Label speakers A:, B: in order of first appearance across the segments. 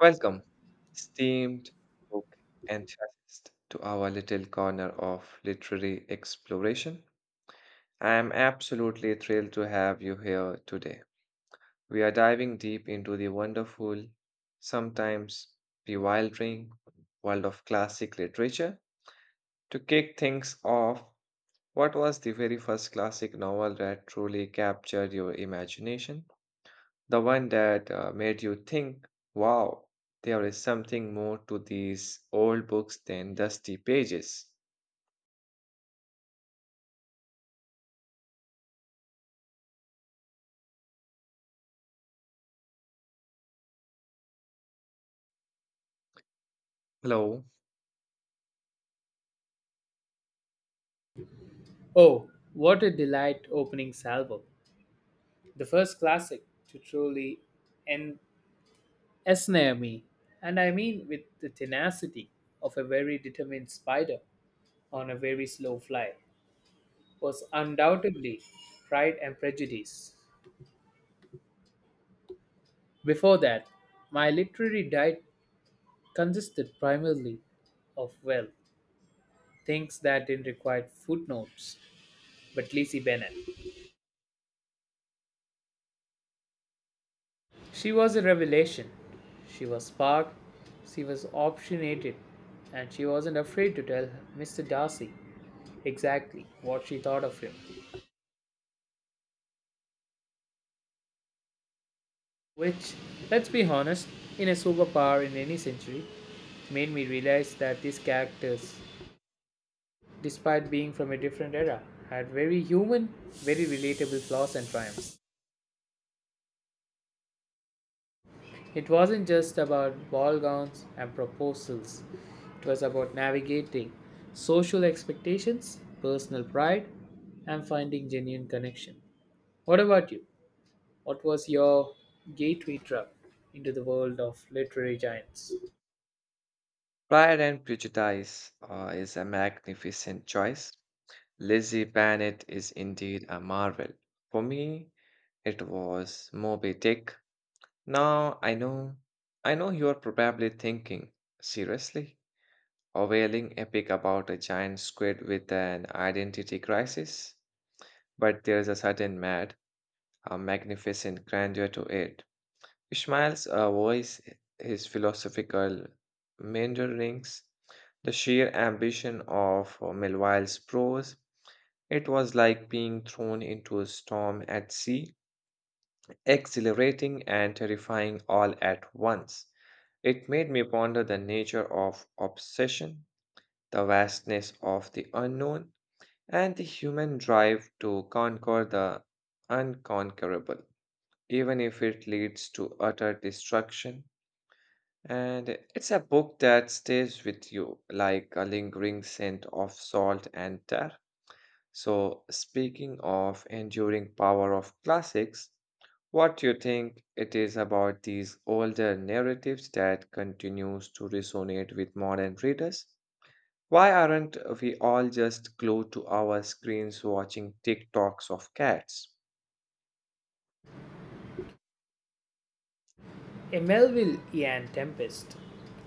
A: Welcome, esteemed book enthusiast, to our little corner of literary exploration. I am absolutely thrilled to have you here today. We are diving deep into the wonderful, sometimes bewildering world of classic literature. To kick things off, what was the very first classic novel that truly captured your imagination? The one that made you think, wow, there is something more to these old books than dusty pages. Hello.
B: Oh, what a delight opening salvo. The first classic to truly en- ensnare me, and I mean with the tenacity of a very determined spider on a very slow fly, was undoubtedly Pride and Prejudice. Before that, my literary diet consisted primarily of, well, things that didn't require footnotes, but Lizzie Bennet. She was a revelation. She was spark, she was opinionated, and she wasn't afraid to tell Mr. Darcy exactly what she thought of him. Which, let's be honest, in a superpower in any century, made me realize that these characters, despite being from a different era, had very human, very relatable flaws and triumphs. It wasn't just about ball gowns and proposals, it was about navigating social expectations, personal pride, and finding genuine connection. What about you? What was your gateway drug into the world of literary giants?
A: Pride and Prejudice is a magnificent choice. Lizzie Bennet is indeed a marvel. For me, it was Moby Dick. Now I know you are probably thinking, seriously? A wailing epic about a giant squid with an identity crisis? But there is a certain mad, a magnificent grandeur to it. Ishmael's voice, his philosophical meanderings, the sheer ambition of Melville's prose, it was like being thrown into a storm at sea, exhilarating and terrifying all at once. It made me ponder the nature of obsession, the vastness of the unknown, and the human drive to conquer the unconquerable, even if it leads to utter destruction. And it's a book that stays with you like a lingering scent of salt and tar. So, speaking of enduring power of classics, what do you think it is about these older narratives that continues to resonate with modern readers? Why aren't we all just glued to our screens watching TikToks of cats?
B: A Melville Ian Tempest.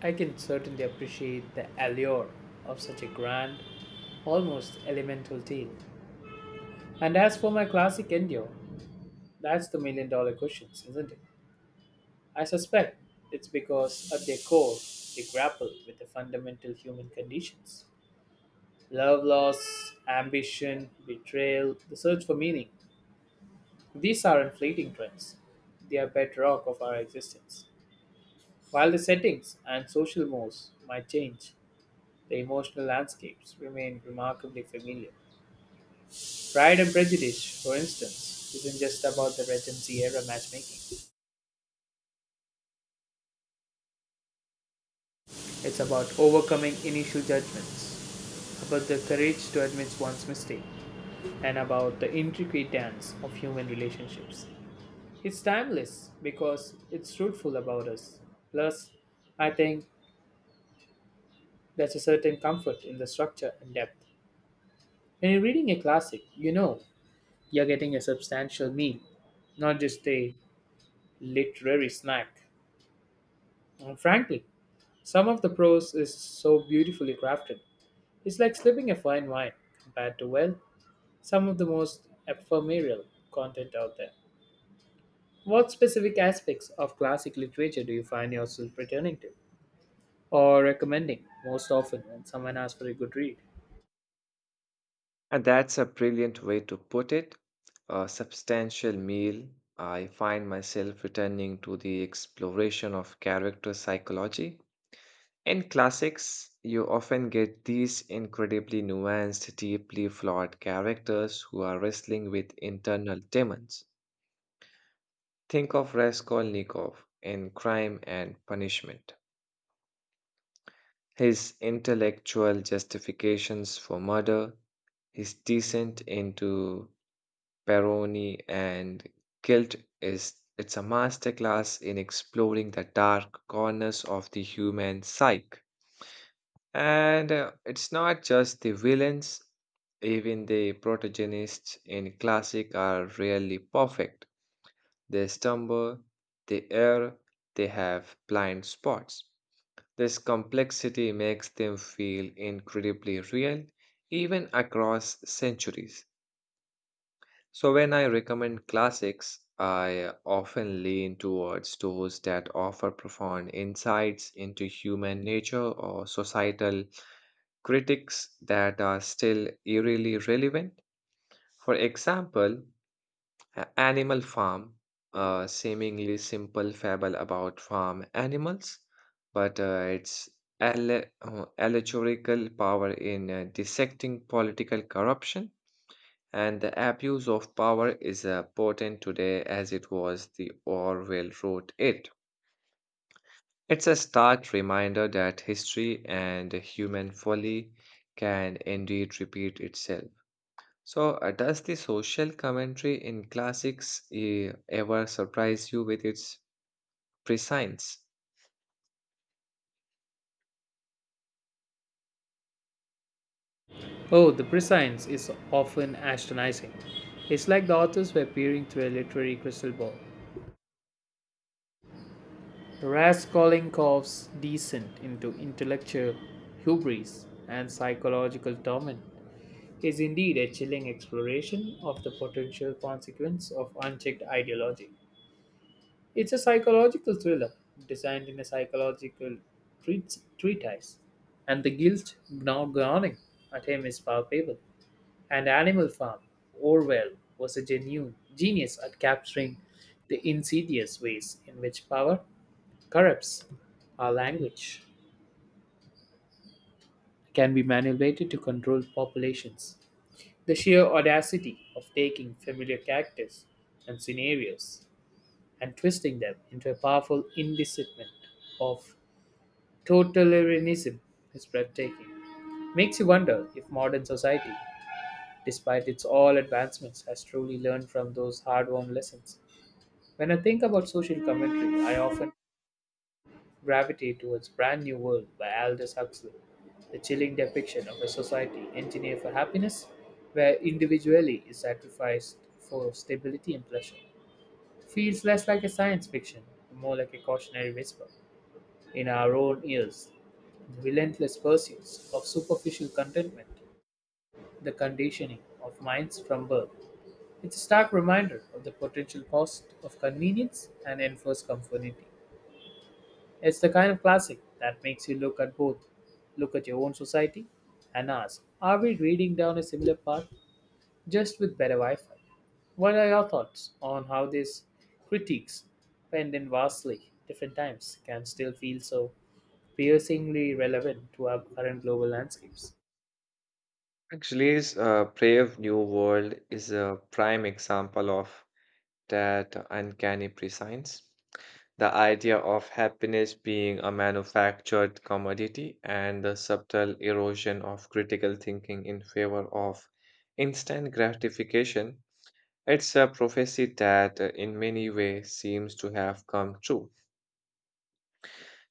B: I can certainly appreciate the allure of such a grand, almost elemental tale. And as for my classic endure, that's the million-dollar question, isn't it? I suspect it's because at their core, they grapple with the fundamental human conditions love loss, ambition, betrayal, the search for meaning. These are inflating trends, they are bedrock of our existence. While the settings and social mores might change, the emotional landscapes remain remarkably familiar. Pride and Prejudice, for instance, isn't just about the Regency era matchmaking. It's about overcoming initial judgments, about the courage to admit one's mistake, and about the intricate dance of human relationships. It's timeless because it's truthful about us. Plus, I think there's a certain comfort in the structure and depth. When you're reading a classic, you know you're getting a substantial meal, not just a literary snack. And frankly, some of the prose is so beautifully crafted. It's like slipping a fine wine compared to, well, some of the most ephemeral content out there. What specific aspects of classic literature do you find yourself returning to or recommending most often when someone asks for a good read?
A: And that's a brilliant way to put it. A substantial meal. I find myself returning to the exploration of character psychology. In classics, you often get these incredibly nuanced, deeply flawed characters who are wrestling with internal demons. Think of Raskolnikov in Crime and Punishment. His intellectual justifications for murder, his descent into Peroni and guilt, is it's a masterclass in exploring the dark corners of the human psyche. And it's not just the villains, even the protagonists in classic are rarely perfect. They stumble, they err, they have blind spots. This complexity makes them feel incredibly real, even across centuries. So, when I recommend classics, I often lean towards those that offer profound insights into human nature or societal critics that are still eerily relevant. For example, Animal Farm, a seemingly simple fable about farm animals, but its allegorical power in dissecting political corruption and the abuse of power is as potent today as it was the Orwell wrote it. It's a stark reminder that history and human folly can indeed repeat itself. So, does the social commentary in classics ever surprise you with its prescience?
B: Oh, the prescience is often astonishing. It's like the authors were peering through a literary crystal ball. Raskolnikov's descent into intellectual hubris and psychological torment is indeed a chilling exploration of the potential consequence of unchecked ideology. It's a psychological thriller designed in a psychological treatise, and the guilt gnawing at him is palpable. And Animal Farm, Orwell was a genuine genius at capturing the insidious ways in which power corrupts our language, can be manipulated to control populations. The sheer audacity of taking familiar characters and scenarios and twisting them into a powerful indictment of totalitarianism is breathtaking. Makes you wonder if modern society, despite its all advancements, has truly learned from those hard-won lessons. When I think about social commentary, I often gravitate towards Brand New World by Aldous Huxley, the chilling depiction of a society engineered for happiness, where individuality is sacrificed for stability and pleasure. Feels less like a science fiction, more like a cautionary whisper. In our own ears, the relentless pursuits of superficial contentment, the conditioning of minds from birth. It's a stark reminder of the potential cost of convenience and enforced conformity. It's the kind of classic that makes you look at both, look at your own society, and ask, are we reading down a similar path just with better Wi Fi? What are your thoughts on how these critiques, penned in vastly different times, can still feel so piercingly relevant to our current global landscapes?
A: Actually, Brave New World is a prime example of that uncanny prescience. The idea of happiness being a manufactured commodity and the subtle erosion of critical thinking in favor of instant gratification, it's a prophecy that in many ways seems to have come true.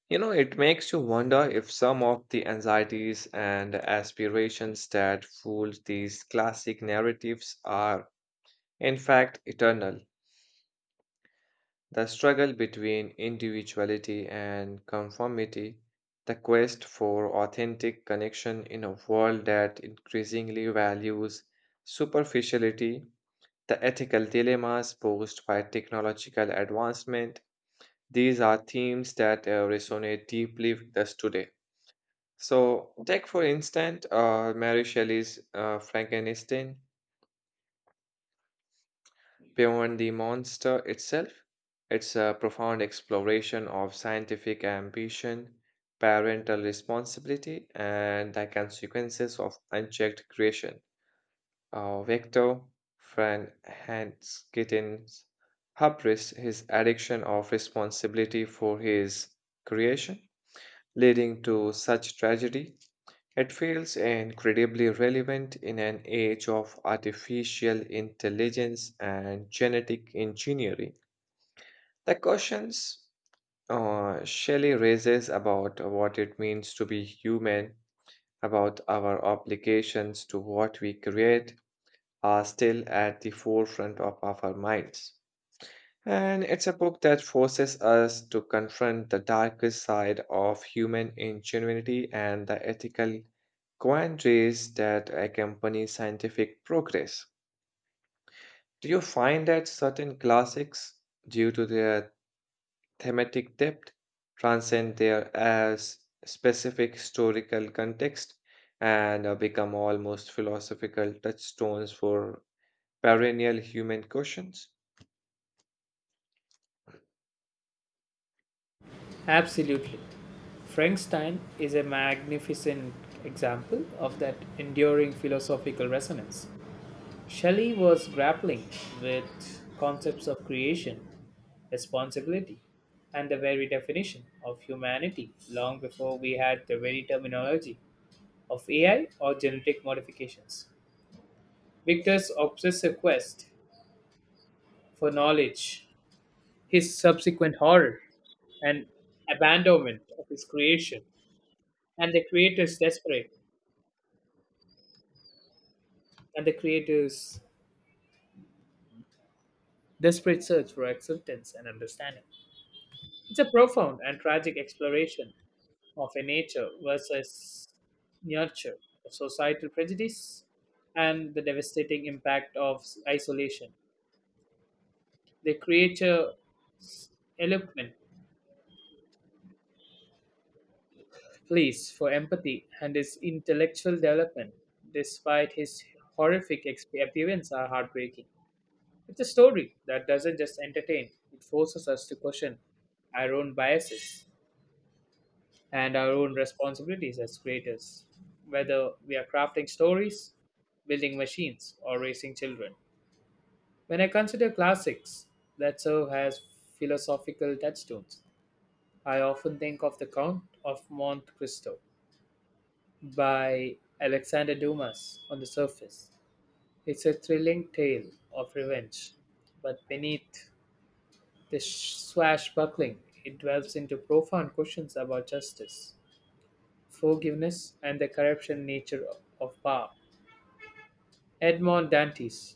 A: You know, it makes you wonder if some of the anxieties and aspirations that fueled these classic narratives are, in fact, eternal. The struggle between individuality and conformity, the quest for authentic connection in a world that increasingly values superficiality, the ethical dilemmas posed by technological advancement, these are themes that resonate deeply with us today. So, take for instance Mary Shelley's Frankenstein. Beyond the monster itself, it's a profound exploration of scientific ambition, parental responsibility, and the consequences of unchecked creation. Victor Frank Hanskittin's hubris, his addiction of responsibility for his creation, leading to such tragedy, it feels incredibly relevant in an age of artificial intelligence and genetic engineering. The questions Shelley raises about what it means to be human, about our obligations to what we create, are still at the forefront of our minds. And it's a book that forces us to confront the darkest side of human ingenuity and the ethical quandaries that accompany scientific progress. Do you find that certain classics, due to their thematic depth, transcend their as specific historical context and become almost philosophical touchstones for perennial human questions?
B: Absolutely. Frankenstein is a magnificent example of that enduring philosophical resonance. Shelley was grappling with concepts of creation, responsibility, and the very definition of humanity long before we had the very terminology of AI or genetic modifications. Victor's obsessive quest for knowledge, his subsequent horror and abandonment of his creation, and the creator's desperate and the creator's desperate search for acceptance and understanding, it's a profound and tragic exploration of a nature versus nurture, of societal prejudice, and the devastating impact of isolation. The creature eloquent pleas for empathy and his intellectual development, despite his horrific appearance, are heartbreaking. It's a story that doesn't just entertain, it forces us to question our own biases and our own responsibilities as creators, whether we are crafting stories, building machines, or raising children. When I consider classics that serve as philosophical touchstones, I often think of The Count of Monte Cristo by Alexander Dumas on the surface. It's a thrilling tale of revenge, but beneath the swashbuckling, it delves into profound questions about justice, forgiveness, and the corruption nature of power. Edmond Dante's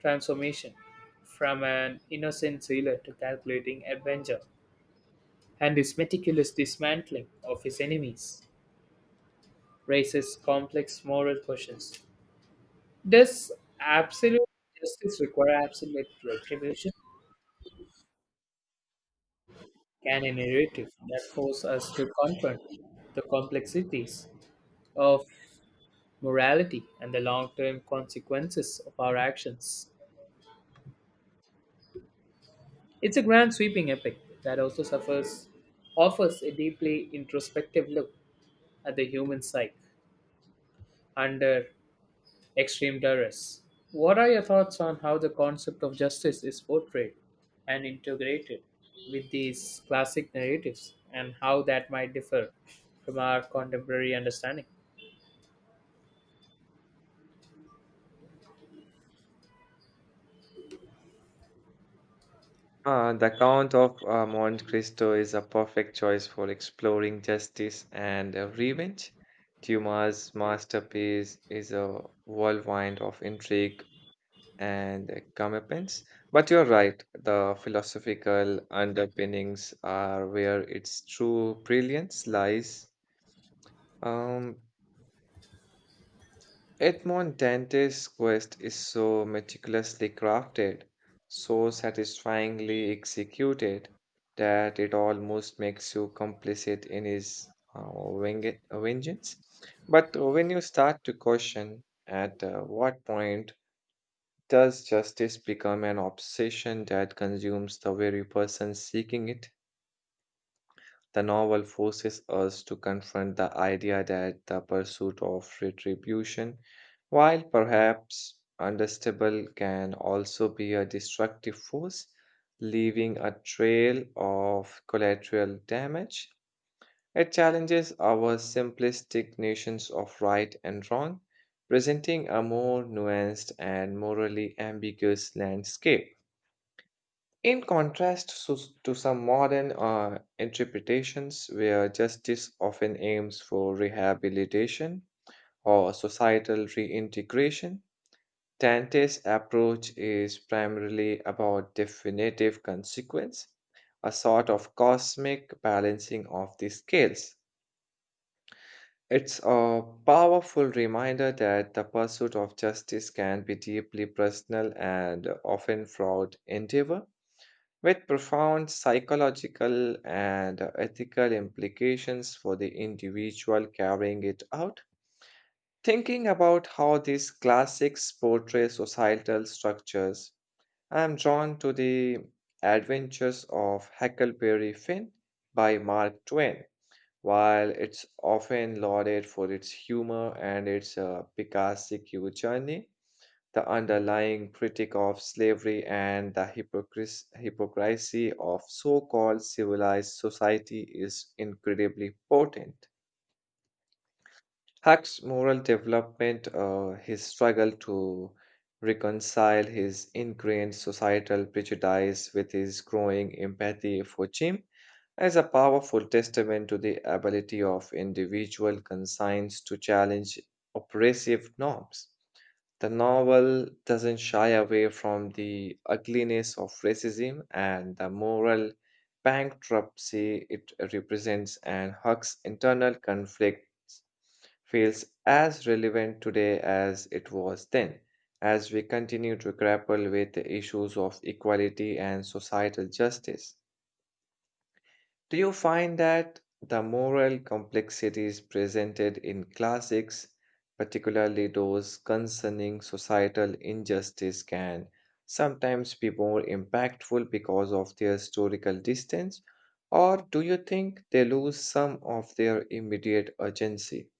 B: transformation from an innocent sailor to calculating adventure and his meticulous dismantling of his enemies raises complex moral questions. Does absolute justice require absolute retribution? Can a narrative that forces us to confront the complexities of morality and the long term consequences of our actions? It's a grand sweeping epic that also suffers offers a deeply introspective look at the human psyche under extreme terrorists. What are your thoughts on how the concept of justice is portrayed and integrated with these classic narratives and how that might differ from our contemporary understanding?
A: Ah, the Count of Monte Cristo is a perfect choice for exploring justice and revenge. Dumas' masterpiece is a whirlwind of intrigue and comeuppance. But you're right, the philosophical underpinnings are where its true brilliance lies. Um, Edmond Dante's quest is so meticulously crafted, so satisfyingly executed, that it almost makes you complicit in his uh, vengeance. But when you start to question at what point does justice become an obsession that consumes the very person seeking it? The novel forces us to confront the idea that the pursuit of retribution, while perhaps understandable, can also be a destructive force, leaving a trail of collateral damage. It challenges our simplistic notions of right and wrong, presenting a more nuanced and morally ambiguous landscape. In contrast to some modern interpretations, where justice often aims for rehabilitation or societal reintegration, Dante's approach is primarily about definitive consequence, a sort of cosmic balancing of the scales. It's a powerful reminder that the pursuit of justice can be deeply personal and often fraught endeavor with profound psychological and ethical implications for the individual carrying it out. Thinking about how these classics portray societal structures, I am drawn to the adventures of Huckleberry Finn by Mark Twain. While it's often lauded for its humor and its Picassic journey, the underlying critique of slavery and the hypocrisy of so called civilized society is incredibly potent. Huck's moral development, his struggle to reconcile his ingrained societal prejudice with his growing empathy for Jim, is a powerful testament to the ability of individual conscience to challenge oppressive norms. The novel doesn't shy away from the ugliness of racism and the moral bankruptcy it represents, and Huck's internal conflict feels as relevant today as it was then, as we continue to grapple with the issues of equality and societal justice. Do you find that the moral complexities presented in classics, particularly those concerning societal injustice, can sometimes be more impactful because of their historical distance? Or do you think they lose some of their immediate urgency?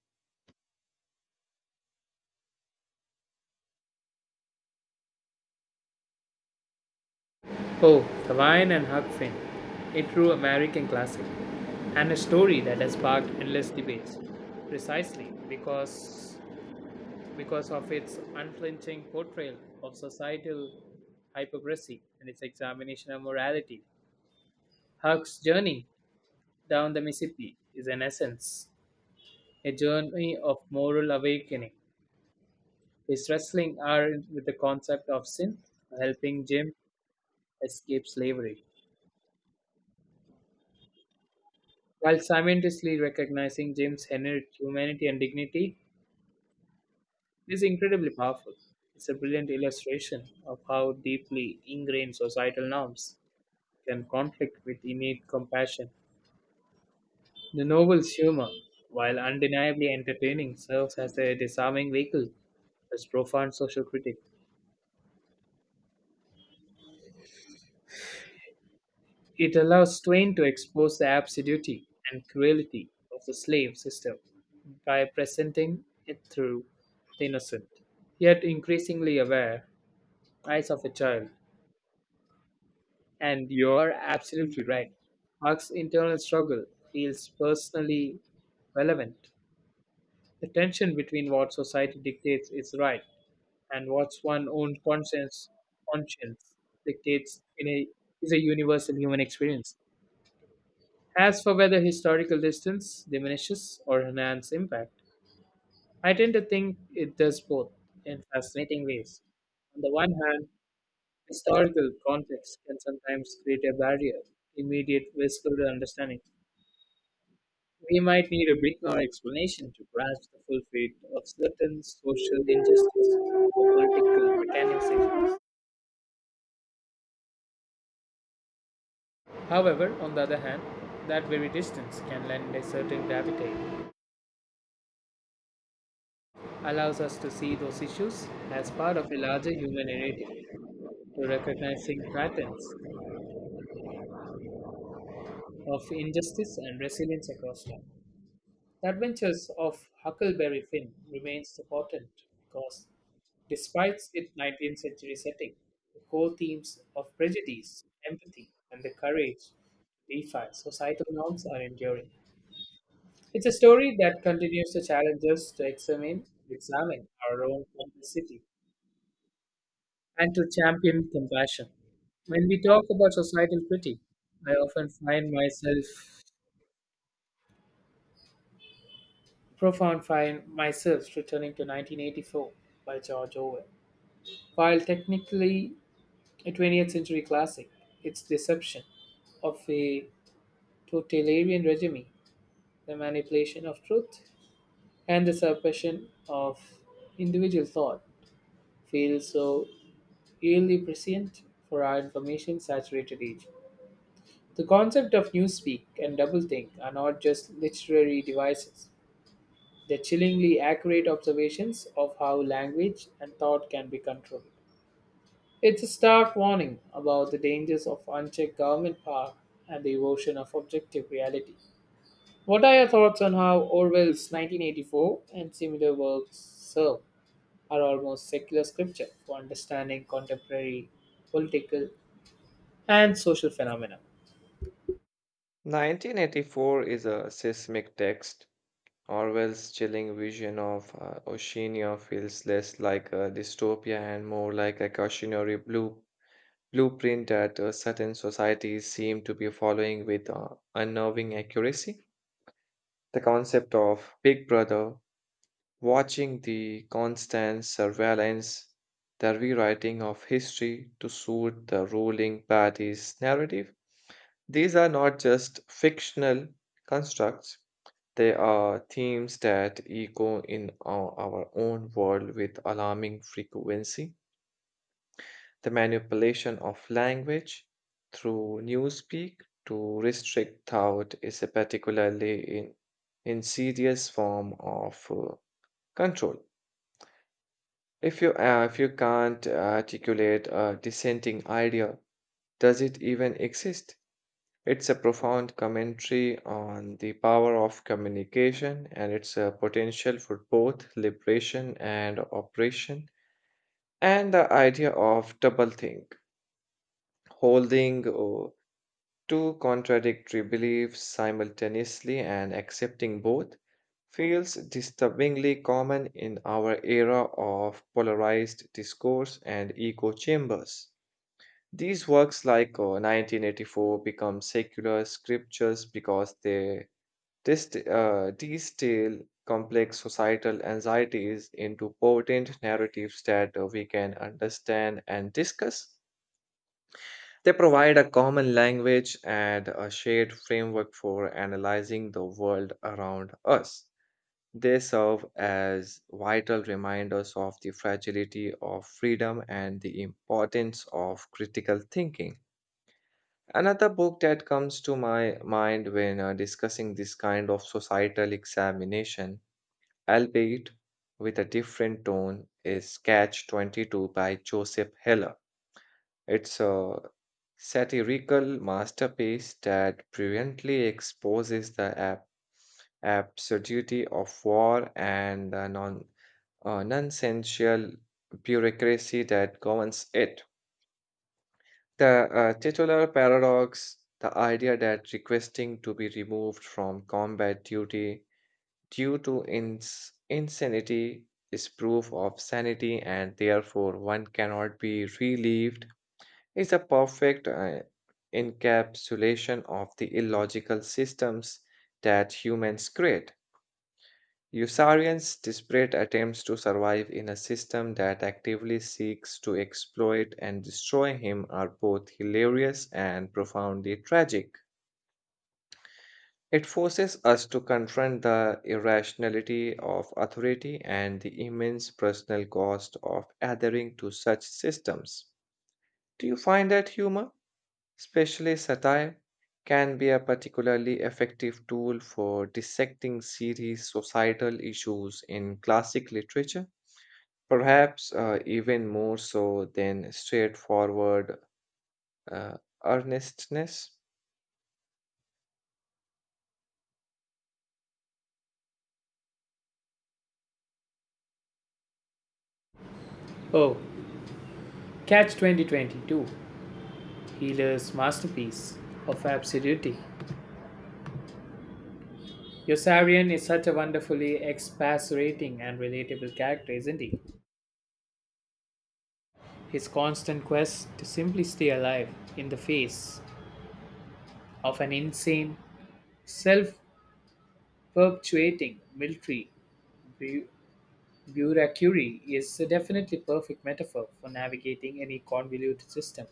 B: Oh, The Lion and Huck Finn, a true American classic, and a story that has sparked endless debates precisely because of its unflinching portrayal of societal hypocrisy and its examination of morality. Huck's journey down the Mississippi is, in essence, a journey of moral awakening. His wrestling are with the concept of sin, helping Jim escape slavery, while simultaneously recognizing Jim's inherent humanity and dignity is incredibly powerful. It's a brilliant illustration of how deeply ingrained societal norms can conflict with innate compassion. The novel's humor, while undeniably entertaining, serves as a disarming vehicle as profound social critic. It allows Twain to expose the absurdity and cruelty of the slave system by presenting it through the innocent, yet increasingly aware, eyes of a child. And you're absolutely right. Huck's internal struggle feels personally relevant. The tension between what society dictates is right and what one's own conscience dictates in a, is a universal human experience. As for whether historical distance diminishes or enhances impact, I tend to think it does both in fascinating ways. On the one hand, historical context can sometimes create a barrier, immediate visible to understanding. We might need a bit more explanation to grasp the full fate of certain social injustices or political mechanics. However, on the other hand, that very distance can lend a certain gravity, allows us to see those issues as part of a larger human narrative, to recognizing patterns of injustice and resilience across time. The Adventures of Huckleberry Finn remains important because, despite its 19th century setting, the core themes of prejudice, empathy, and the courage to defy societal norms are enduring. It's a story that continues to challenge us to examine our own complexity and to champion compassion. When we talk about societal pity, I often find myself returning to 1984 by George Orwell. While technically a 20th century classic, its deception of a totalitarian regime, the manipulation of truth, and the suppression of individual thought feels so eerily prescient for our information saturated age. The concept of newspeak and doublethink are not just literary devices, they're chillingly accurate observations of how language and thought can be controlled. It's a stark warning about the dangers of unchecked government power and the erosion of objective reality. What are your thoughts on how Orwell's 1984 and similar works serve are almost secular scripture for understanding contemporary political and social phenomena?
A: 1984 is a seismic text. Orwell's chilling vision of Oceania feels less like a dystopia and more like a cautionary blueprint that certain societies seem to be following with unnerving accuracy. The concept of Big Brother watching, the constant surveillance, the rewriting of history to suit the ruling party's narrative. These are not just fictional constructs, they are themes that echo in our own world with alarming frequency. The manipulation of language through newspeak to restrict thought is a particularly insidious form of control. If you can't articulate a dissenting idea, does it even exist? It's a profound commentary on the power of communication and its potential for both liberation and oppression, and the idea of doublethink, holding two contradictory beliefs simultaneously and accepting both feels disturbingly common in our era of polarized discourse and echo chambers. These works like 1984 become secular scriptures because they distill complex societal anxieties into potent narratives that we can understand and discuss. They provide a common language and a shared framework for analyzing the world around us. They serve as vital reminders of the fragility of freedom and the importance of critical thinking. Another book that comes to my mind when discussing this kind of societal examination, albeit with a different tone, is Catch 22 by Joseph Heller. It's a satirical masterpiece that brilliantly exposes the absurdity of war and the nonsensical bureaucracy that governs it. The titular paradox, the idea that requesting to be removed from combat duty due to insanity is proof of sanity and therefore one cannot be relieved, is a perfect encapsulation of the illogical systems that humans create. Usarians' desperate attempts to survive in a system that actively seeks to exploit and destroy him are both hilarious and profoundly tragic. It forces us to confront the irrationality of authority and the immense personal cost of adhering to such systems. Do you find that humor, especially satire, can be a particularly effective tool for dissecting serious societal issues in classic literature, perhaps even more so than straightforward uh, earnestness?
B: Oh, catch 2022 Healer's masterpiece of absurdity. Yossarian is such a wonderfully exasperating and relatable character, isn't he? His constant quest to simply stay alive in the face of an insane, self perpetuating military bu- bureaucracy is a definitely perfect metaphor for navigating any convoluted system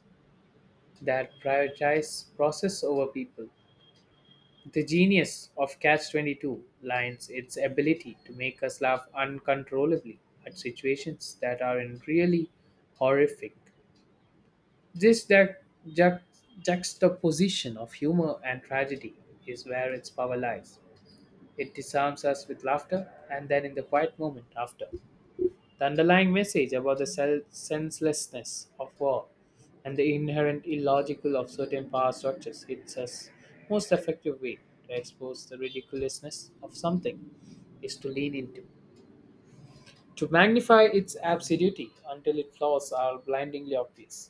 B: that prioritizes process over people. The genius of Catch 22 lies in its ability to make us laugh uncontrollably at situations that are in really horrific. This ju- juxtaposition of humor and tragedy is where its power lies. It disarms us with laughter and then in the quiet moment after. The underlying message about the senselessness of war and the inherent illogical of certain power structures hits us most effective way to expose the ridiculousness of something is to lean into. To magnify its absurdity until its flaws are blindingly obvious.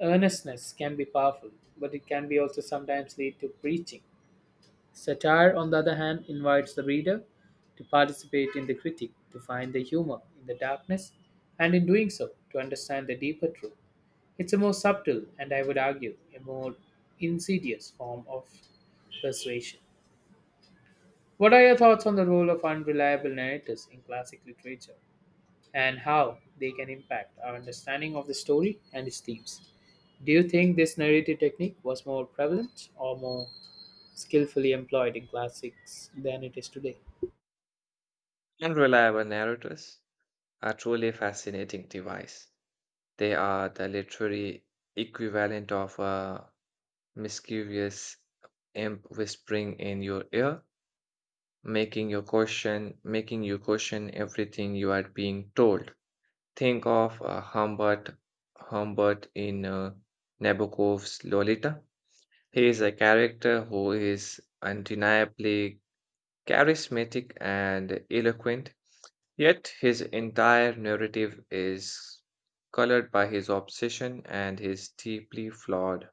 B: Earnestness can be powerful, but it can be also sometimes lead to preaching. Satire, on the other hand, invites the reader to participate in the critique, to find the humor in the darkness, and in doing so, to understand the deeper truth. It's a more subtle, and I would argue, a more insidious form of persuasion. What are your thoughts on the role of unreliable narrators in classic literature and how they can impact our understanding of the story and its themes? Do you think this narrative technique was more prevalent or more skillfully employed in classics than it is today?
A: And reliable narrators are truly fascinating device. They are the literary equivalent of a mischievous imp whispering in your ear, making you question everything you are being told. Think of Humbert Humbert in Nabokov's Lolita. He is a character who is undeniably charismatic and eloquent, yet his entire narrative is colored by his obsession and his deeply flawed,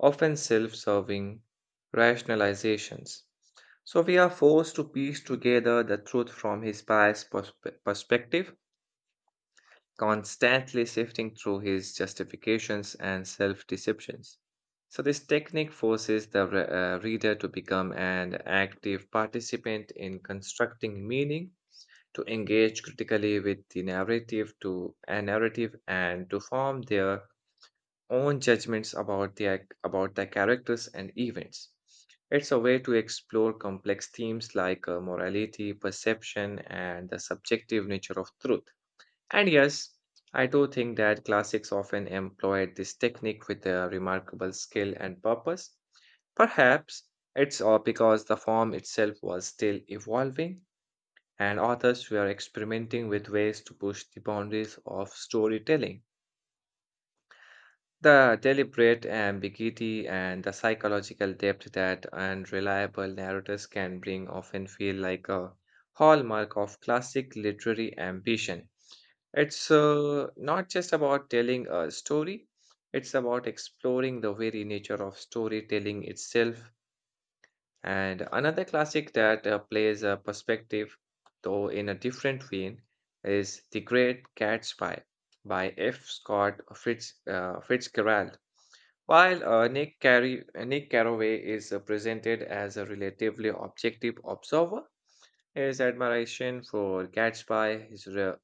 A: often self serving rationalizations. So we are forced to piece together the truth from his past perspective, constantly sifting through his justifications and self deceptions. So, this technique forces the reader to become an active participant in constructing meaning, to engage critically with the narrative, to a narrative, and to form their own judgments about their characters and events. It's a way to explore complex themes like morality, perception, and the subjective nature of truth. And yes, I do think that classics often employed this technique with a remarkable skill and purpose. Perhaps it's all because the form itself was still evolving and authors were experimenting with ways to push the boundaries of storytelling. The deliberate ambiguity and the psychological depth that unreliable narrators can bring often feel like a hallmark of classic literary ambition. It's not just about telling a story, it's about exploring the very nature of storytelling itself, and another classic that plays a perspective, though in a different vein, is The Great Gatsby by F. Scott Fitzgerald. While Nick Carraway is presented as a relatively objective observer, his admiration for Gatsby, his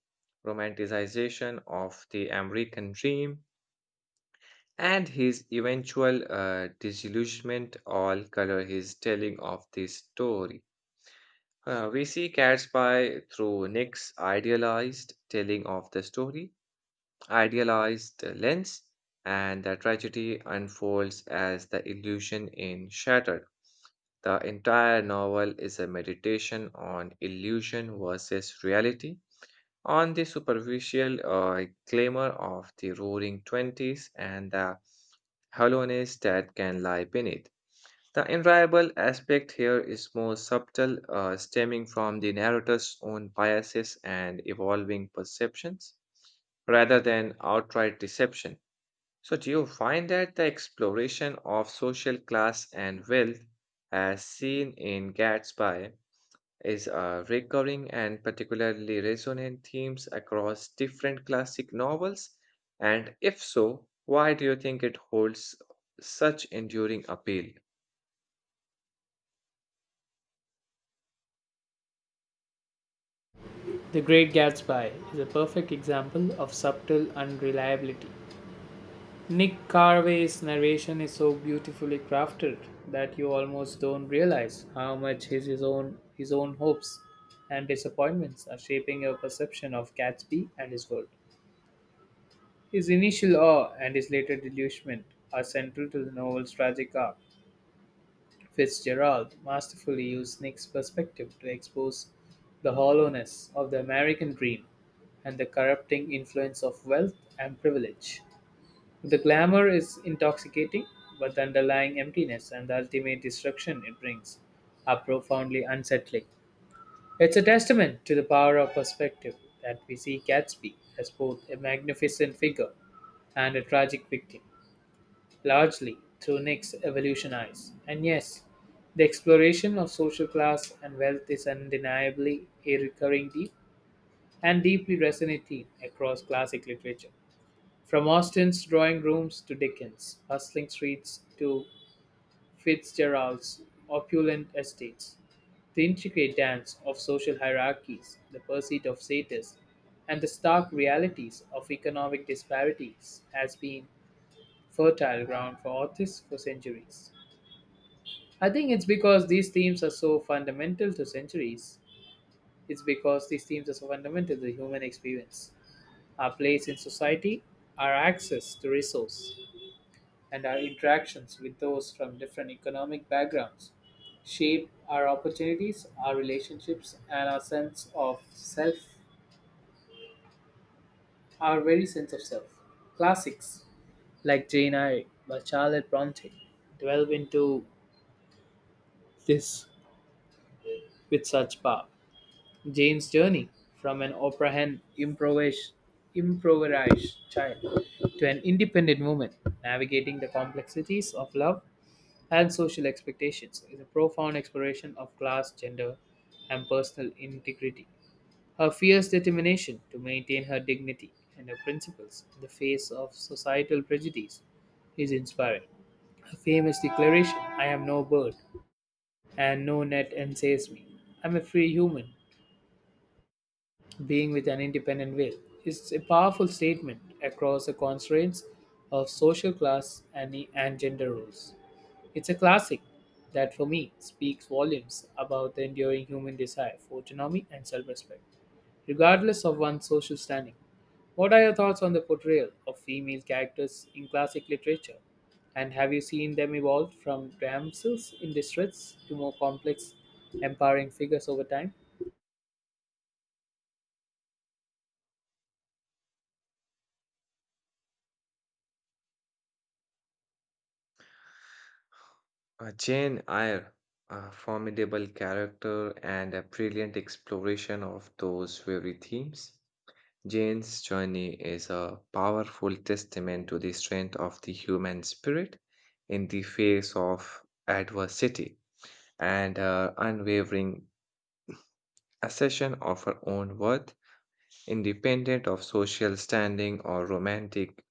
A: romanticization of the American dream, and his eventual disillusionment all color his telling of this story. We see Cat's through Nick's idealized telling of the story, idealized lens, and the tragedy unfolds as the illusion in Shattered. The entire novel is a meditation on illusion versus reality, on the superficial glamour of the roaring 20s and the hollowness that can lie beneath. The enviable aspect here is more subtle, stemming from the narrator's own biases and evolving perceptions rather than outright deception. So, do you find that the exploration of social class and wealth, as seen in Gatsby, is recurring and particularly resonant themes across different classic novels? And if so, why do you think it holds such enduring appeal?
B: The Great Gatsby is a perfect example of subtle unreliability. Nick Carraway's narration is so beautifully crafted that you almost don't realize how much his own hopes and disappointments are shaping your perception of Gatsby and his world. His initial awe and his later delusion are central to the novel's tragic arc. Fitzgerald masterfully used Nick's perspective to expose the hollowness of the American dream and the corrupting influence of wealth and privilege. The glamour is intoxicating, but the underlying emptiness and the ultimate destruction it brings are profoundly unsettling. It's a testament to the power of perspective that we see Gatsby as both a magnificent figure and a tragic victim, largely through Nick's evolution eyes. And yes, the exploration of social class and wealth is undeniably a recurring theme and deeply resonant theme across classic literature. From Austen's drawing rooms to Dickens, bustling streets to Fitzgerald's opulent estates, the intricate dance of social hierarchies, the pursuit of status, and the stark realities of economic disparities has been fertile ground for authors for centuries. I think it's because these themes are so fundamental to centuries. It's because these themes are so fundamental to the human experience, our place in society, our access to resource, and our interactions with those from different economic backgrounds shape our opportunities, our relationships, and our very sense of self. Classics like Jane Eyre by Charlotte Bronte delve into this with such power. Jane's journey from an opera hen improvised child to an independent woman navigating the complexities of love and social expectations is a profound exploration of class, gender, and personal integrity. Her fierce determination to maintain her dignity and her principles in the face of societal prejudice is inspiring. Her famous declaration, "I am no bird and no net enslaves me. I'm a free human being with an independent will," is a powerful statement across the constraints of social class and gender roles. It's a classic that, for me, speaks volumes about the enduring human desire for autonomy and self respect, regardless of one's social standing. What are your thoughts on the portrayal of female characters in classic literature? And have you seen them evolve from damsels in distress to more complex, empowering figures over time?
A: Jane Eyre, a formidable character and a brilliant exploration of those very themes. Jane's journey is a powerful testament to the strength of the human spirit in the face of adversity, and her unwavering assertion of her own worth, independent of social standing or romantic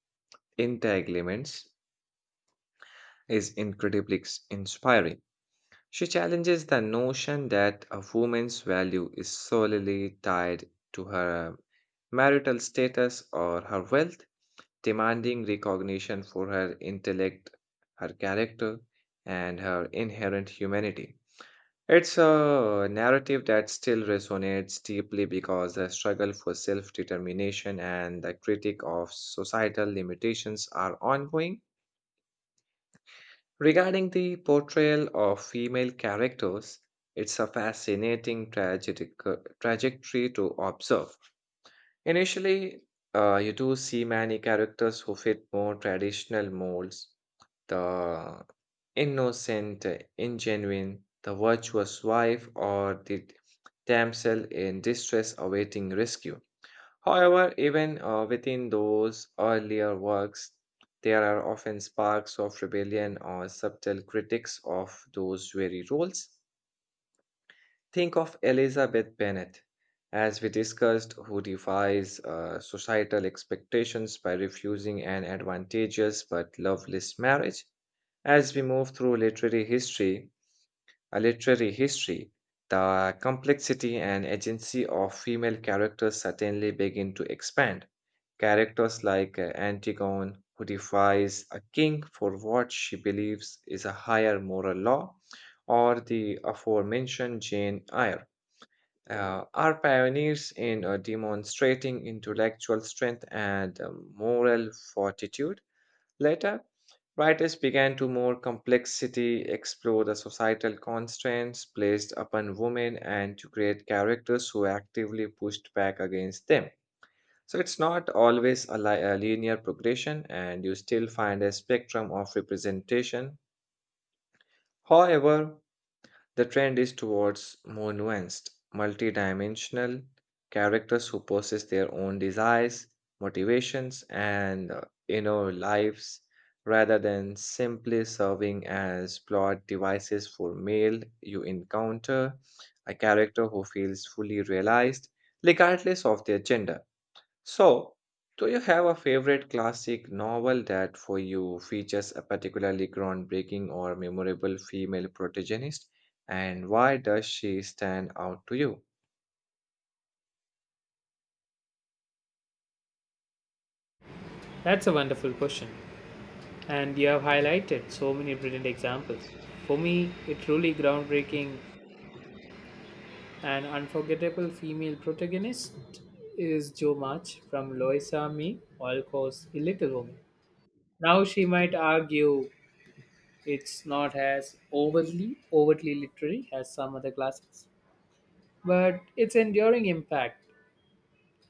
A: entanglements, is inspiring. She challenges the notion that a woman's value is solely tied to her marital status or her wealth, demanding recognition for her intellect, her character, and her inherent humanity. It's a narrative that still resonates deeply because the struggle for self determination and the critique of societal limitations are ongoing. Regarding the portrayal of female characters, it's a fascinating tragic, trajectory to observe. Initially, you do see many characters who fit more traditional molds. The innocent, ingenuine, the virtuous wife, or the damsel in distress awaiting rescue. However, even within those earlier works, there are often sparks of rebellion or subtle critics of those very roles. Think of Elizabeth Bennet, as we discussed, who defies societal expectations by refusing an advantageous but loveless marriage. As we move through literary history, a literary history, the complexity and agency of female characters certainly begin to expand. Characters like Antigone, who defies a king for what she believes is a higher moral law, or the aforementioned Jane Eyre, are pioneers in demonstrating intellectual strength and moral fortitude. Later, writers began to more complexity, explore the societal constraints placed upon women, and to create characters who actively pushed back against them. So it's not always a, a linear progression, and you still find a spectrum of representation. However, the trend is towards more nuanced, multidimensional characters who possess their own desires, motivations, and inner lives rather than simply serving as plot devices for male you encounter a character who feels fully realized regardless of their gender. So, do you have a favorite classic novel that for you features a particularly groundbreaking or memorable female protagonist? And why does she stand out to you?
B: That's a wonderful question, and you have highlighted so many brilliant examples. For me, a truly groundbreaking and unforgettable female protagonist is Jo March from Loisa Me, All Cause a Little Woman. Now, she might argue it's not as overtly literary as some other classics, but its enduring impact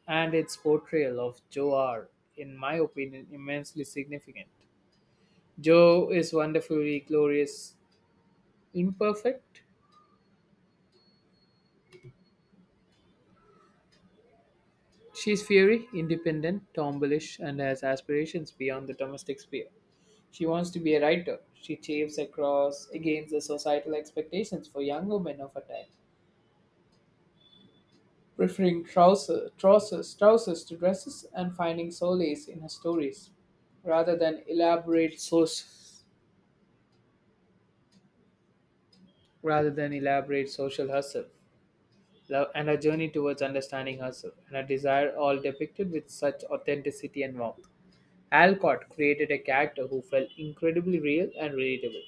B: and its portrayal of Jo are, in my opinion, immensely significant. Joe is wonderfully glorious, imperfect. She is fiery, independent, tomboyish, and has aspirations beyond the domestic sphere. She wants to be a writer. She chafes across against the societal expectations for young women of her time, preferring trousers to dresses, and finding solace in her stories, rather than elaborate source, rather than elaborate social hustle. Love and her journey towards understanding herself, and her desire all depicted with such authenticity and warmth. Alcott created a character who felt incredibly real and relatable,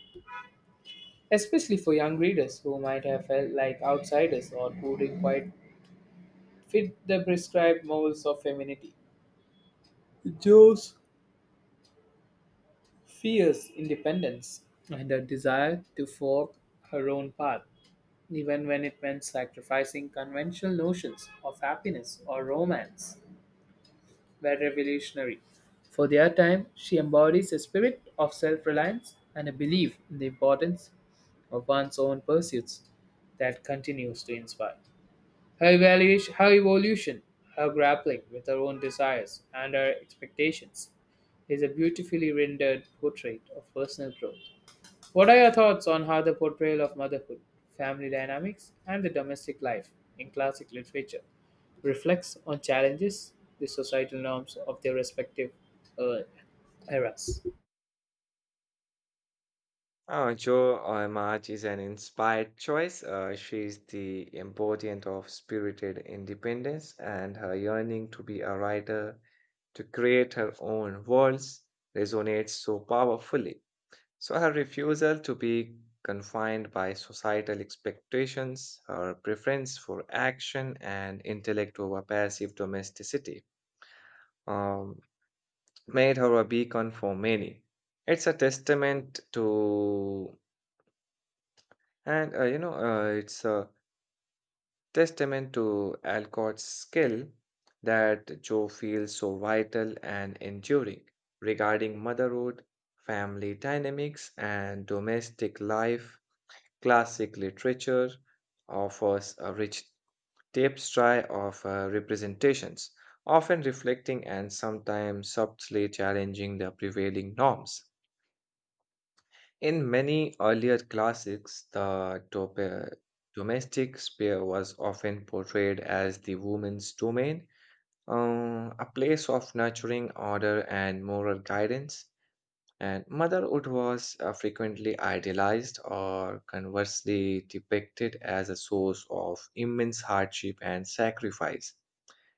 B: especially for young readers who might have felt like outsiders or who didn't quite fit the prescribed molds of femininity. Jo's fierce independence and her desire to forge her own path, even when it meant sacrificing conventional notions of happiness or romance, were revolutionary. For their time, she embodies a spirit of self reliance and a belief in the importance of one's own pursuits that continues to inspire. Her evolution, her grappling with her own desires and her expectations is a beautifully rendered portrait of personal growth. What are your thoughts on how the portrayal of motherhood, family dynamics, and the domestic life in classic literature reflects on challenges, the societal norms of their respective uh, eras?
A: Jo March is an inspired choice. She is the embodiment of spirited independence, and her yearning to be a writer, to create her own worlds, resonates so powerfully. So her refusal to be confined by societal expectations, her preference for action and intellect over passive domesticity, um, made her a beacon for many. It's a testament to, and you know, it's a testament to Alcott's skill that Joe feels so vital and enduring regarding motherhood, family dynamics, and domestic life. Classic literature offers a rich tapestry of representations, often reflecting and sometimes subtly challenging the prevailing norms. In many earlier classics, the domestic sphere was often portrayed as the woman's domain, a place of nurturing order and moral guidance. And motherhood was frequently idealized or conversely depicted as a source of immense hardship and sacrifice.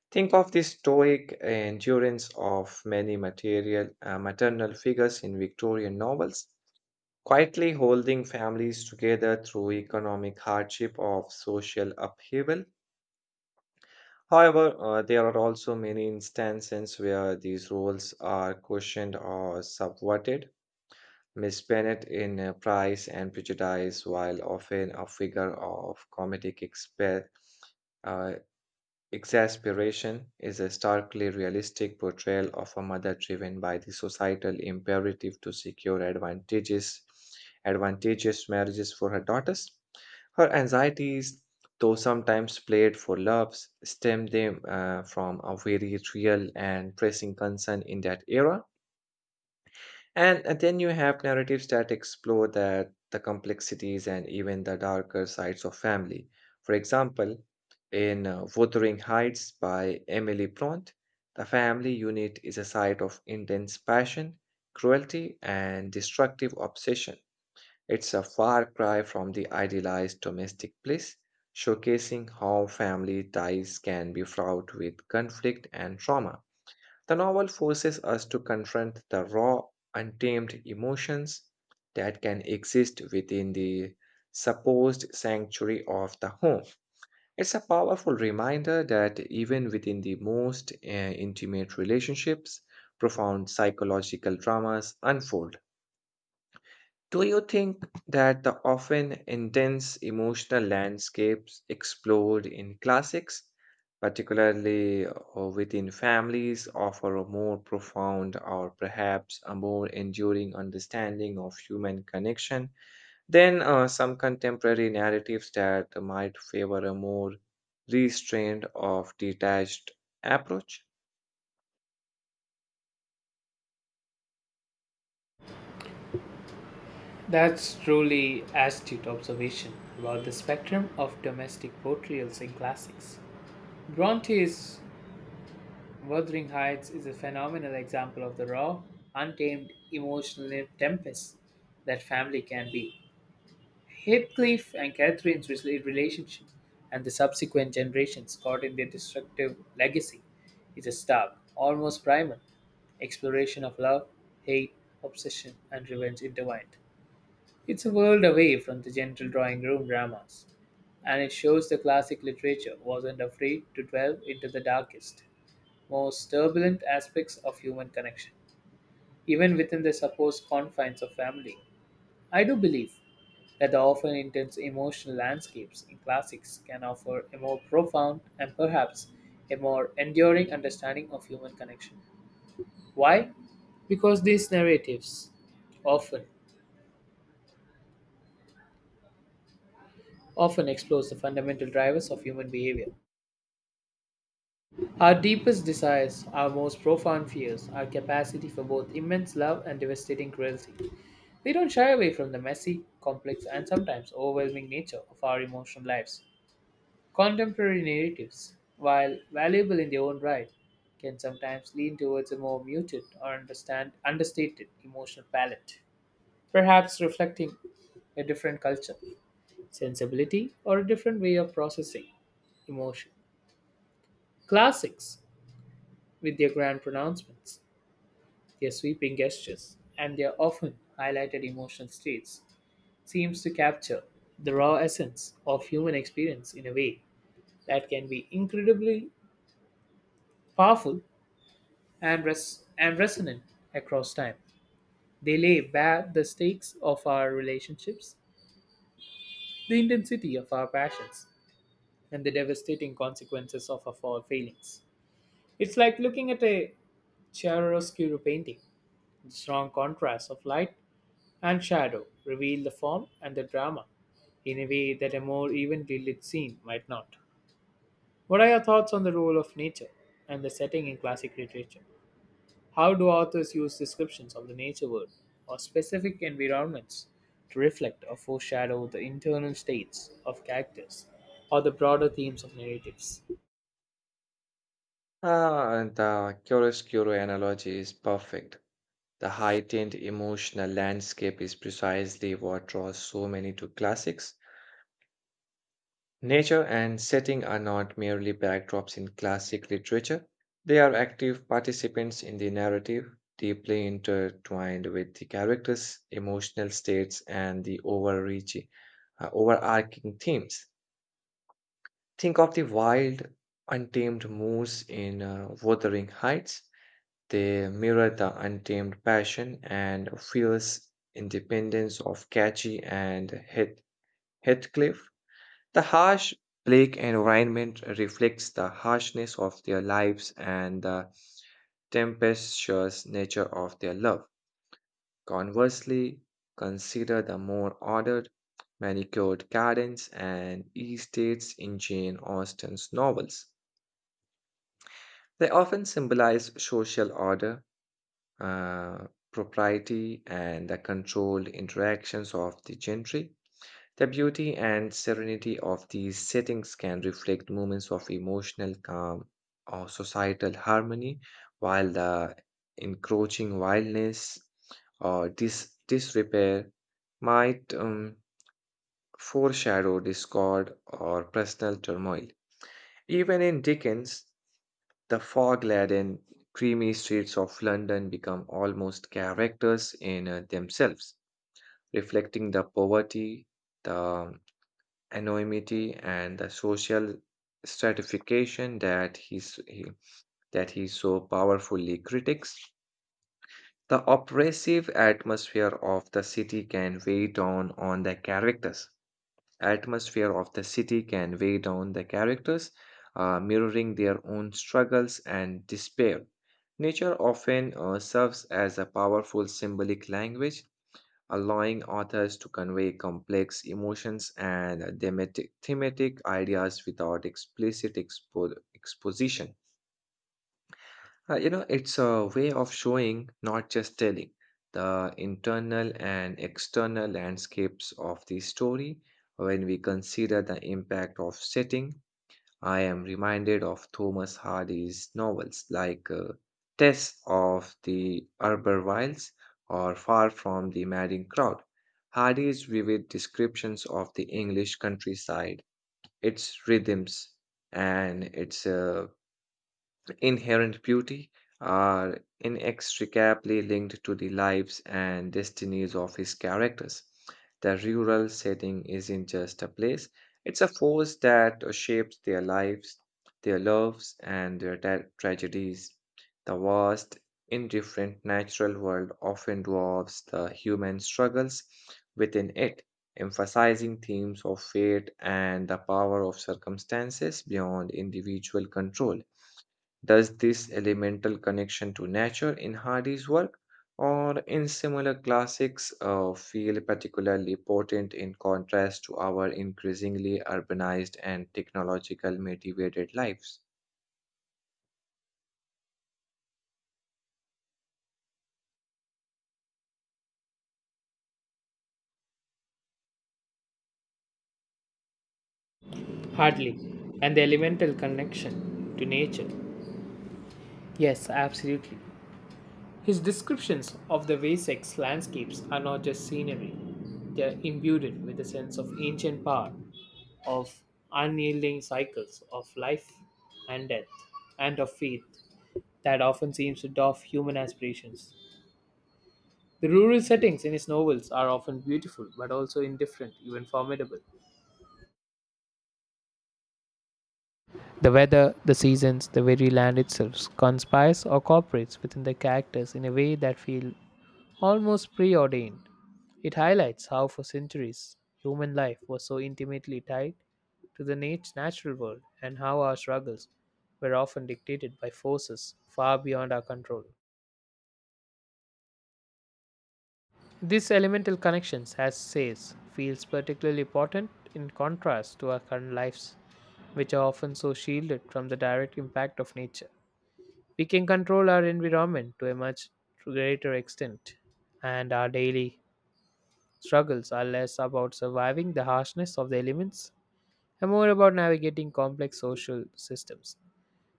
A: Think of the stoic endurance of many maternal figures in Victorian novels, quietly holding families together through economic hardship of social upheaval. However, there are also many instances where these roles are questioned or subverted. Miss Bennet in Pride and Prejudice, while often a figure of uh, exasperation, is a starkly realistic portrayal of a mother driven by the societal imperative to secure advantageous marriages for her daughters. Her anxieties, though sometimes played for laughs, stem them from a very real and pressing concern in that era. And then you have narratives that explore that the complexities and even the darker sides of family. For example, in Wuthering Heights by Emily Bront, the family unit is a site of intense passion, cruelty, and destructive obsession. It's a far cry from the idealized domestic bliss, showcasing how family ties can be fraught with conflict and trauma. The novel forces us to confront the raw, untamed emotions that can exist within the supposed sanctuary of the home. It's a powerful reminder that even within the most intimate relationships, profound psychological dramas unfold. Do you think that the often intense emotional landscapes explored in classics, particularly within families, offer a more profound or perhaps a more enduring understanding of human connection than some contemporary narratives that might favor a more restrained or detached approach?
B: That's truly astute observation about the spectrum of domestic portrayals in classics. Bronte's Wuthering Heights is a phenomenal example of the raw, untamed emotional tempest that family can be. Heathcliff and relationship, and the subsequent generations caught in their destructive legacy, is a stark, almost primal exploration of love, hate, obsession, and revenge intertwined. It's a world away from the gentle drawing room dramas, and it shows the classic literature wasn't afraid to delve into the darkest, most turbulent aspects of human connection, even within the supposed confines of family. I do believe that the often intense emotional landscapes in classics can offer a more profound and perhaps a more enduring understanding of human connection. Why? Because these narratives often often explores the fundamental drivers of human behavior. Our deepest desires, our most profound fears, our capacity for both immense love and devastating cruelty. They don't shy away from the messy, complex, and sometimes overwhelming nature of our emotional lives. Contemporary narratives, while valuable in their own right, can sometimes lean towards a more muted or understand understated emotional palette, perhaps reflecting a different culture, sensibility, or a different way of processing emotion. Classics, with their grand pronouncements, their sweeping gestures, and their often highlighted emotional states, seems to capture the raw essence of human experience in a way that can be incredibly powerful and resonant across time. They lay bare the stakes of our relationships, the intensity of our passions, and the devastating consequences of our failings. It's like looking at a chiaroscuro painting. The strong contrast of light and shadow reveal the form and the drama in a way that a more evenly lit scene might not. What are your thoughts on the role of nature and the setting in classic literature? How do authors use descriptions of the nature world or specific environments to reflect or foreshadow the internal states of characters or the broader themes of narratives?
A: Ah, the chiaroscuro analogy is perfect. The heightened emotional landscape is precisely what draws so many to classics. Nature and setting are not merely backdrops in classic literature, they are active participants in the narrative, deeply intertwined with the characters' emotional states and the overarching themes. Think of the wild, untamed moose in Wuthering Heights. They mirror the untamed passion and fierce independence of Catchy and Heathcliff. The harsh Blake environment reflects the harshness of their lives and the tempestuous nature of their love. Conversely, consider the more ordered, manicured gardens and estates in Jane Austen's novels. They often symbolize social order, uh, propriety, and the controlled interactions of the gentry. The beauty and serenity of these settings can reflect moments of emotional calm or societal harmony, while the encroaching wildness or disrepair might foreshadow discord or personal turmoil. Even in Dickens, the fog laden, creamy streets of London become almost characters in themselves, reflecting the poverty, the anonymity, and the social stratification that that he so powerfully critiques. The oppressive atmosphere of the city can weigh down on the characters, atmosphere of the city can weigh down the characters, mirroring their own struggles and despair. Nature often serves as a powerful symbolic language, allowing authors to convey complex emotions and thematic ideas without exposition. It's a way of showing, not just telling, the internal and external landscapes of the story. When we consider the impact of setting, I am reminded of Thomas Hardy's novels like Tess of the Arbor Wilds or Far from the Madding Crowd. Hardy's vivid descriptions of the English countryside, its rhythms, and its inherent beauty are inextricably linked to the lives and destinies of his characters. The rural setting isn't just a place, it's a force that shapes their lives, their loves, and their tragedies. The vast, indifferent natural world often dwarfs the human struggles within it, emphasizing themes of fate and the power of circumstances beyond individual control. Does this elemental connection to nature in Hardy's work or in similar classics feel particularly potent in contrast to our increasingly urbanized and technological motivated lives?
B: Hardly, and the elemental connection to nature. Yes, absolutely. His descriptions of the Wessex landscapes are not just scenery, they are imbued with a sense of ancient power, of unyielding cycles of life and death, and of faith that often seems to dwarf human aspirations. The rural settings in his novels are often beautiful, but also indifferent, even formidable. The weather, the seasons, the very land itself conspires or cooperates within the characters in a way that feels almost preordained. It highlights how, for centuries, human life was so intimately tied to the natural world and how our struggles were often dictated by forces far beyond our control. These elemental connections, as says, feels particularly important in contrast to our current lives, which are often so shielded from the direct impact of nature. We can control our environment to a much greater extent, and our daily struggles are less about surviving the harshness of the elements and more about navigating complex social systems,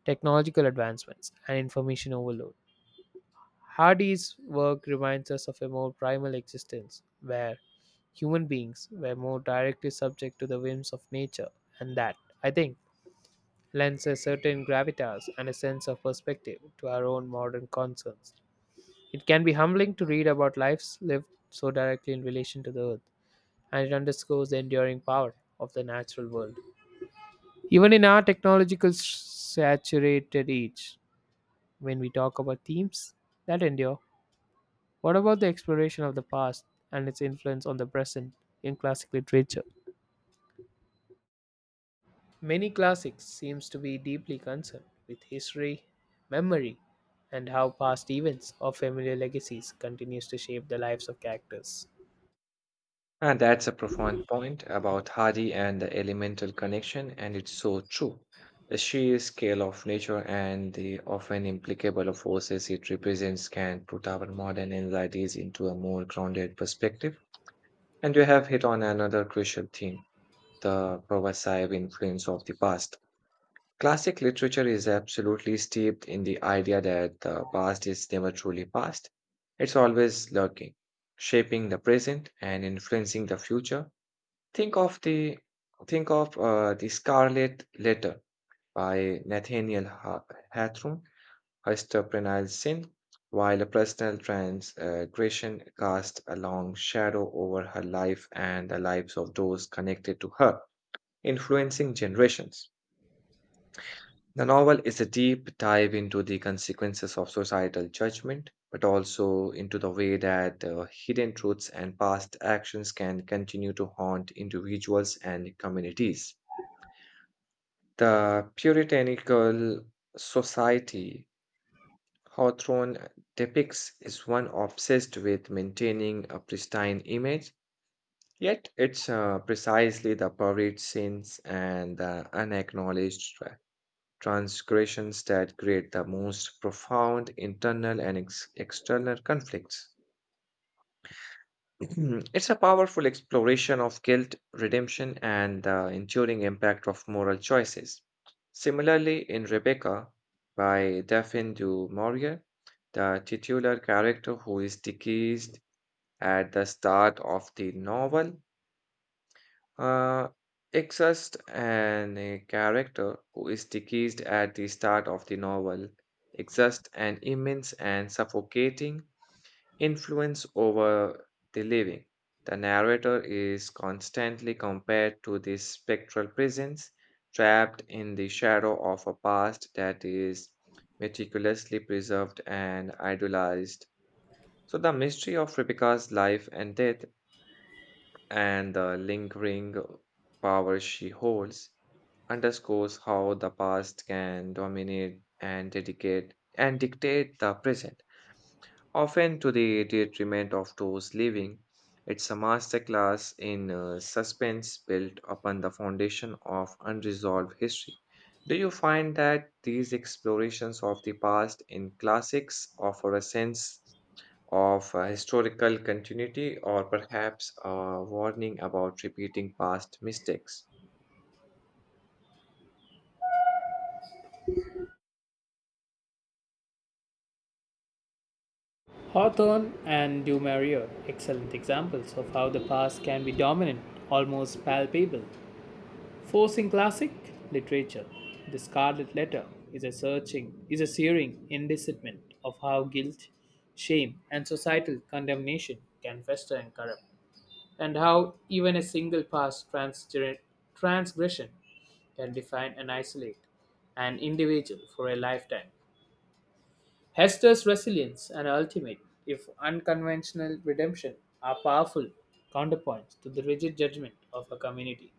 B: technological advancements, and information overload. Hardy's work reminds us of a more primal existence, where human beings were more directly subject to the whims of nature, and that, I think, lends a certain gravitas and a sense of perspective to our own modern concerns. It can be humbling to read about lives lived so directly in relation to the earth, and it underscores the enduring power of the natural world. Even in our technological saturated age, when we talk about themes that endure, what about the exploration of the past and its influence on the present in classic literature? Many classics seems to be deeply concerned with history, memory, and how past events or familiar legacies continues to shape the lives of characters.
A: And that's a profound point about Hardy and the elemental connection, and it's so true. The sheer scale of nature and the often implicable forces it represents can put our modern anxieties into a more grounded perspective. And you have hit on another crucial theme, the pervasive influence of the past. Classic literature is absolutely steeped in the idea that the past is never truly past, it's always lurking, shaping the present and influencing the future. Think of the think of the Scarlet Letter by Hawthorne. Histoprenalsin, while personal transgression cast a long shadow over her life and the lives of those connected to her, influencing generations. The novel is a deep dive into the consequences of societal judgment, but also into the way that hidden truths and past actions can continue to haunt individuals and communities. The puritanical society Hawthorne depicts is one obsessed with maintaining a pristine image, yet it's precisely the buried sins and the unacknowledged transgressions that create the most profound internal and external conflicts. It's a powerful exploration of guilt, redemption, and the enduring impact of moral choices. Similarly, in Rebecca by Daphne du Maurier, the titular character who is deceased at the start of the novel uh, exists, and a character who is deceased at the start of the novel exists an immense and suffocating influence over the living. The narrator is constantly compared to this spectral presence, trapped in the shadow of a past that is meticulously preserved and idealized. So, the mystery of Rebecca's life and death and the lingering power she holds underscores how the past can dominate and dedicate and dictate the present, often to the detriment of those living. It's a masterclass in suspense built upon the foundation of unresolved history. Do you find that these explorations of the past in classics offer a sense of historical continuity or perhaps a warning about repeating past mistakes?
B: Hawthorne and Du Maurier, excellent examples of how the past can be dominant, almost palpable, forcing classic literature, the Scarlet Letter is is a searing indictment of how guilt, shame, and societal condemnation can fester and corrupt, and how even a single past transgression can define and isolate an individual for a lifetime. Hester's resilience and ultimate, if unconventional redemption, are powerful counterpoints to the rigid judgment of her community.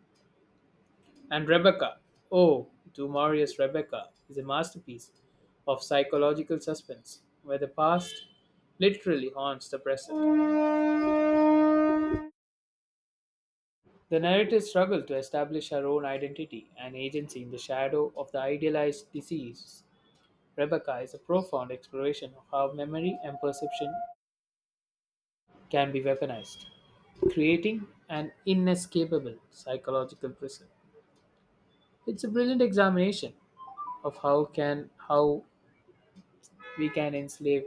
B: And Rebecca, oh, Du Maurier's Rebecca is a masterpiece of psychological suspense, where the past literally haunts the present. The narrators struggles to establish her own identity and agency in the shadow of the idealized disease. Rebecca is a profound exploration of how memory and perception can be weaponized, creating an inescapable psychological prison. It's a brilliant examination of how we can enslave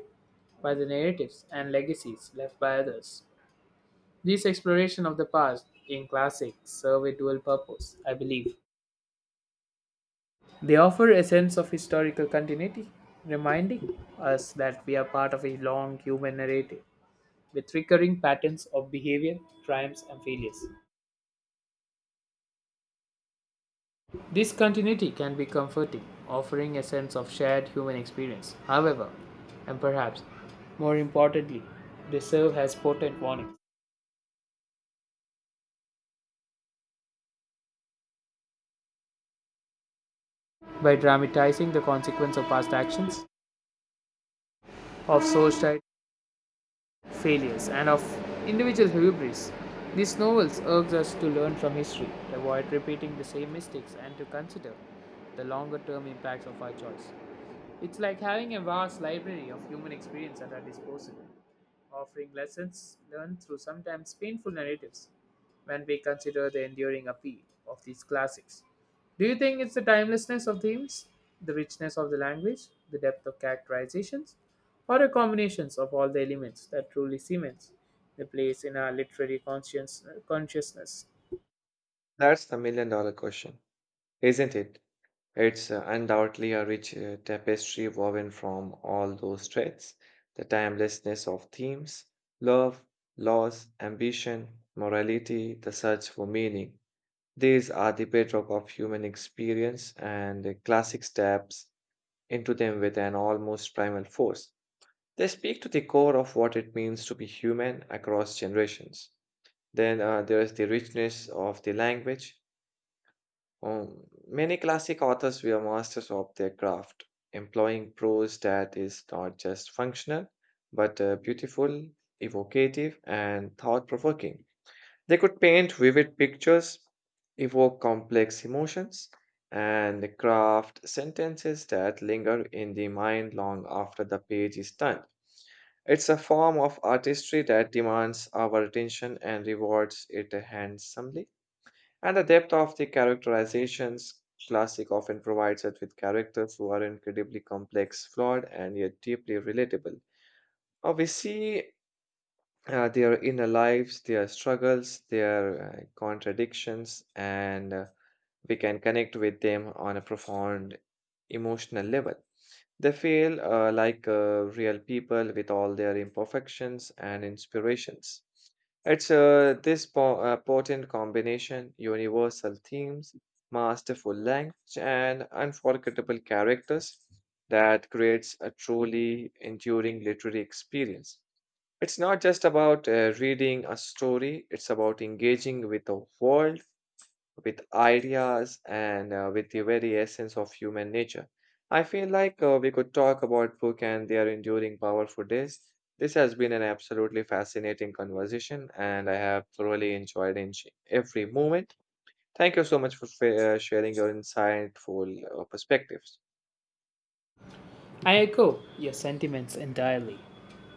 B: by the narratives and legacies left by others. These exploration of the past in classics serve a dual purpose, I believe. They offer a sense of historical continuity, reminding us that we are part of a long human narrative with recurring patterns of behavior, triumphs, and failures. This continuity can be comforting, offering a sense of shared human experience. However, and perhaps more importantly, they serve as potent warning by dramatizing the consequence of past actions, of societal failures, and of individual hubris. These novels urge us to learn from history, avoid repeating the same mistakes, and to consider the longer term impacts of our choice. It's like having a vast library of human experience at our disposal offering lessons learned through sometimes painful narratives when we consider the enduring appeal of these classics. Do you think it's the timelessness of themes, the richness of the language, the depth of characterizations, or a combination of all the elements that truly cements the place in our literary consciousness?
A: That's the million-dollar question, isn't it? It's undoubtedly a rich tapestry woven from all those threads: the timelessness of themes, love, loss, ambition, morality, the search for meaning. These are the bedrock of human experience, and the classic steps into them with an almost primal force. They speak to the core of what it means to be human across generations. Then there's the richness of the language. Many classic authors were masters of their craft, employing prose that is not just functional, but beautiful, evocative, and thought provoking. They could paint vivid pictures, evoke complex emotions, and craft sentences that linger in the mind long after the page is turned. It's a form of artistry that demands our attention and rewards it handsomely. And the depth of the characterizations, classic often provides us with characters who are incredibly complex, flawed, and yet deeply relatable. We see their inner lives, their struggles, their contradictions, and we can connect with them on a profound emotional level. They feel like real people with all their imperfections and inspirations. It's potent combination, universal themes, masterful language, and unforgettable characters that creates a truly enduring literary experience. It's not just about reading a story, it's about engaging with the world, with ideas, and with the very essence of human nature. I feel like we could talk about book and their enduring power for days. This has been an absolutely fascinating conversation, and I have thoroughly enjoyed in every moment. Thank you so much for sharing your insightful perspectives.
B: I echo your sentiments entirely.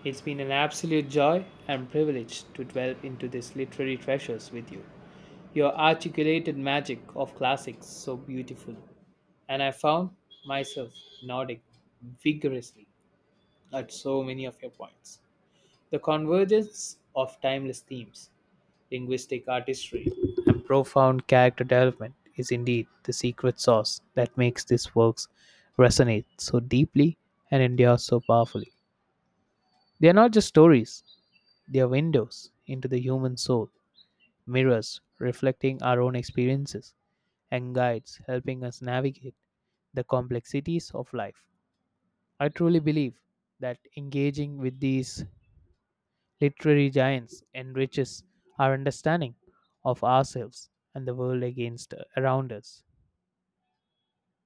B: It's been an absolute joy and privilege to delve into these literary treasures with you. Your articulated magic of classics so beautiful, and I found myself nodding vigorously at so many of your points. The convergence of timeless themes, linguistic artistry, and profound character development is indeed the secret sauce that makes these works resonate so deeply and endure so powerfully. They are not just stories, they are windows into the human soul mirrors reflecting our own experiences, and guides helping us navigate the complexities of life. I truly believe that engaging with these literary giants enriches our understanding of ourselves and the world against around us.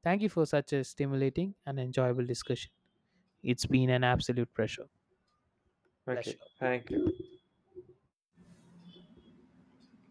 B: Thank you for such a stimulating and enjoyable discussion. It's been an absolute pleasure.
A: Okay,
B: Pleasure.
A: thank you.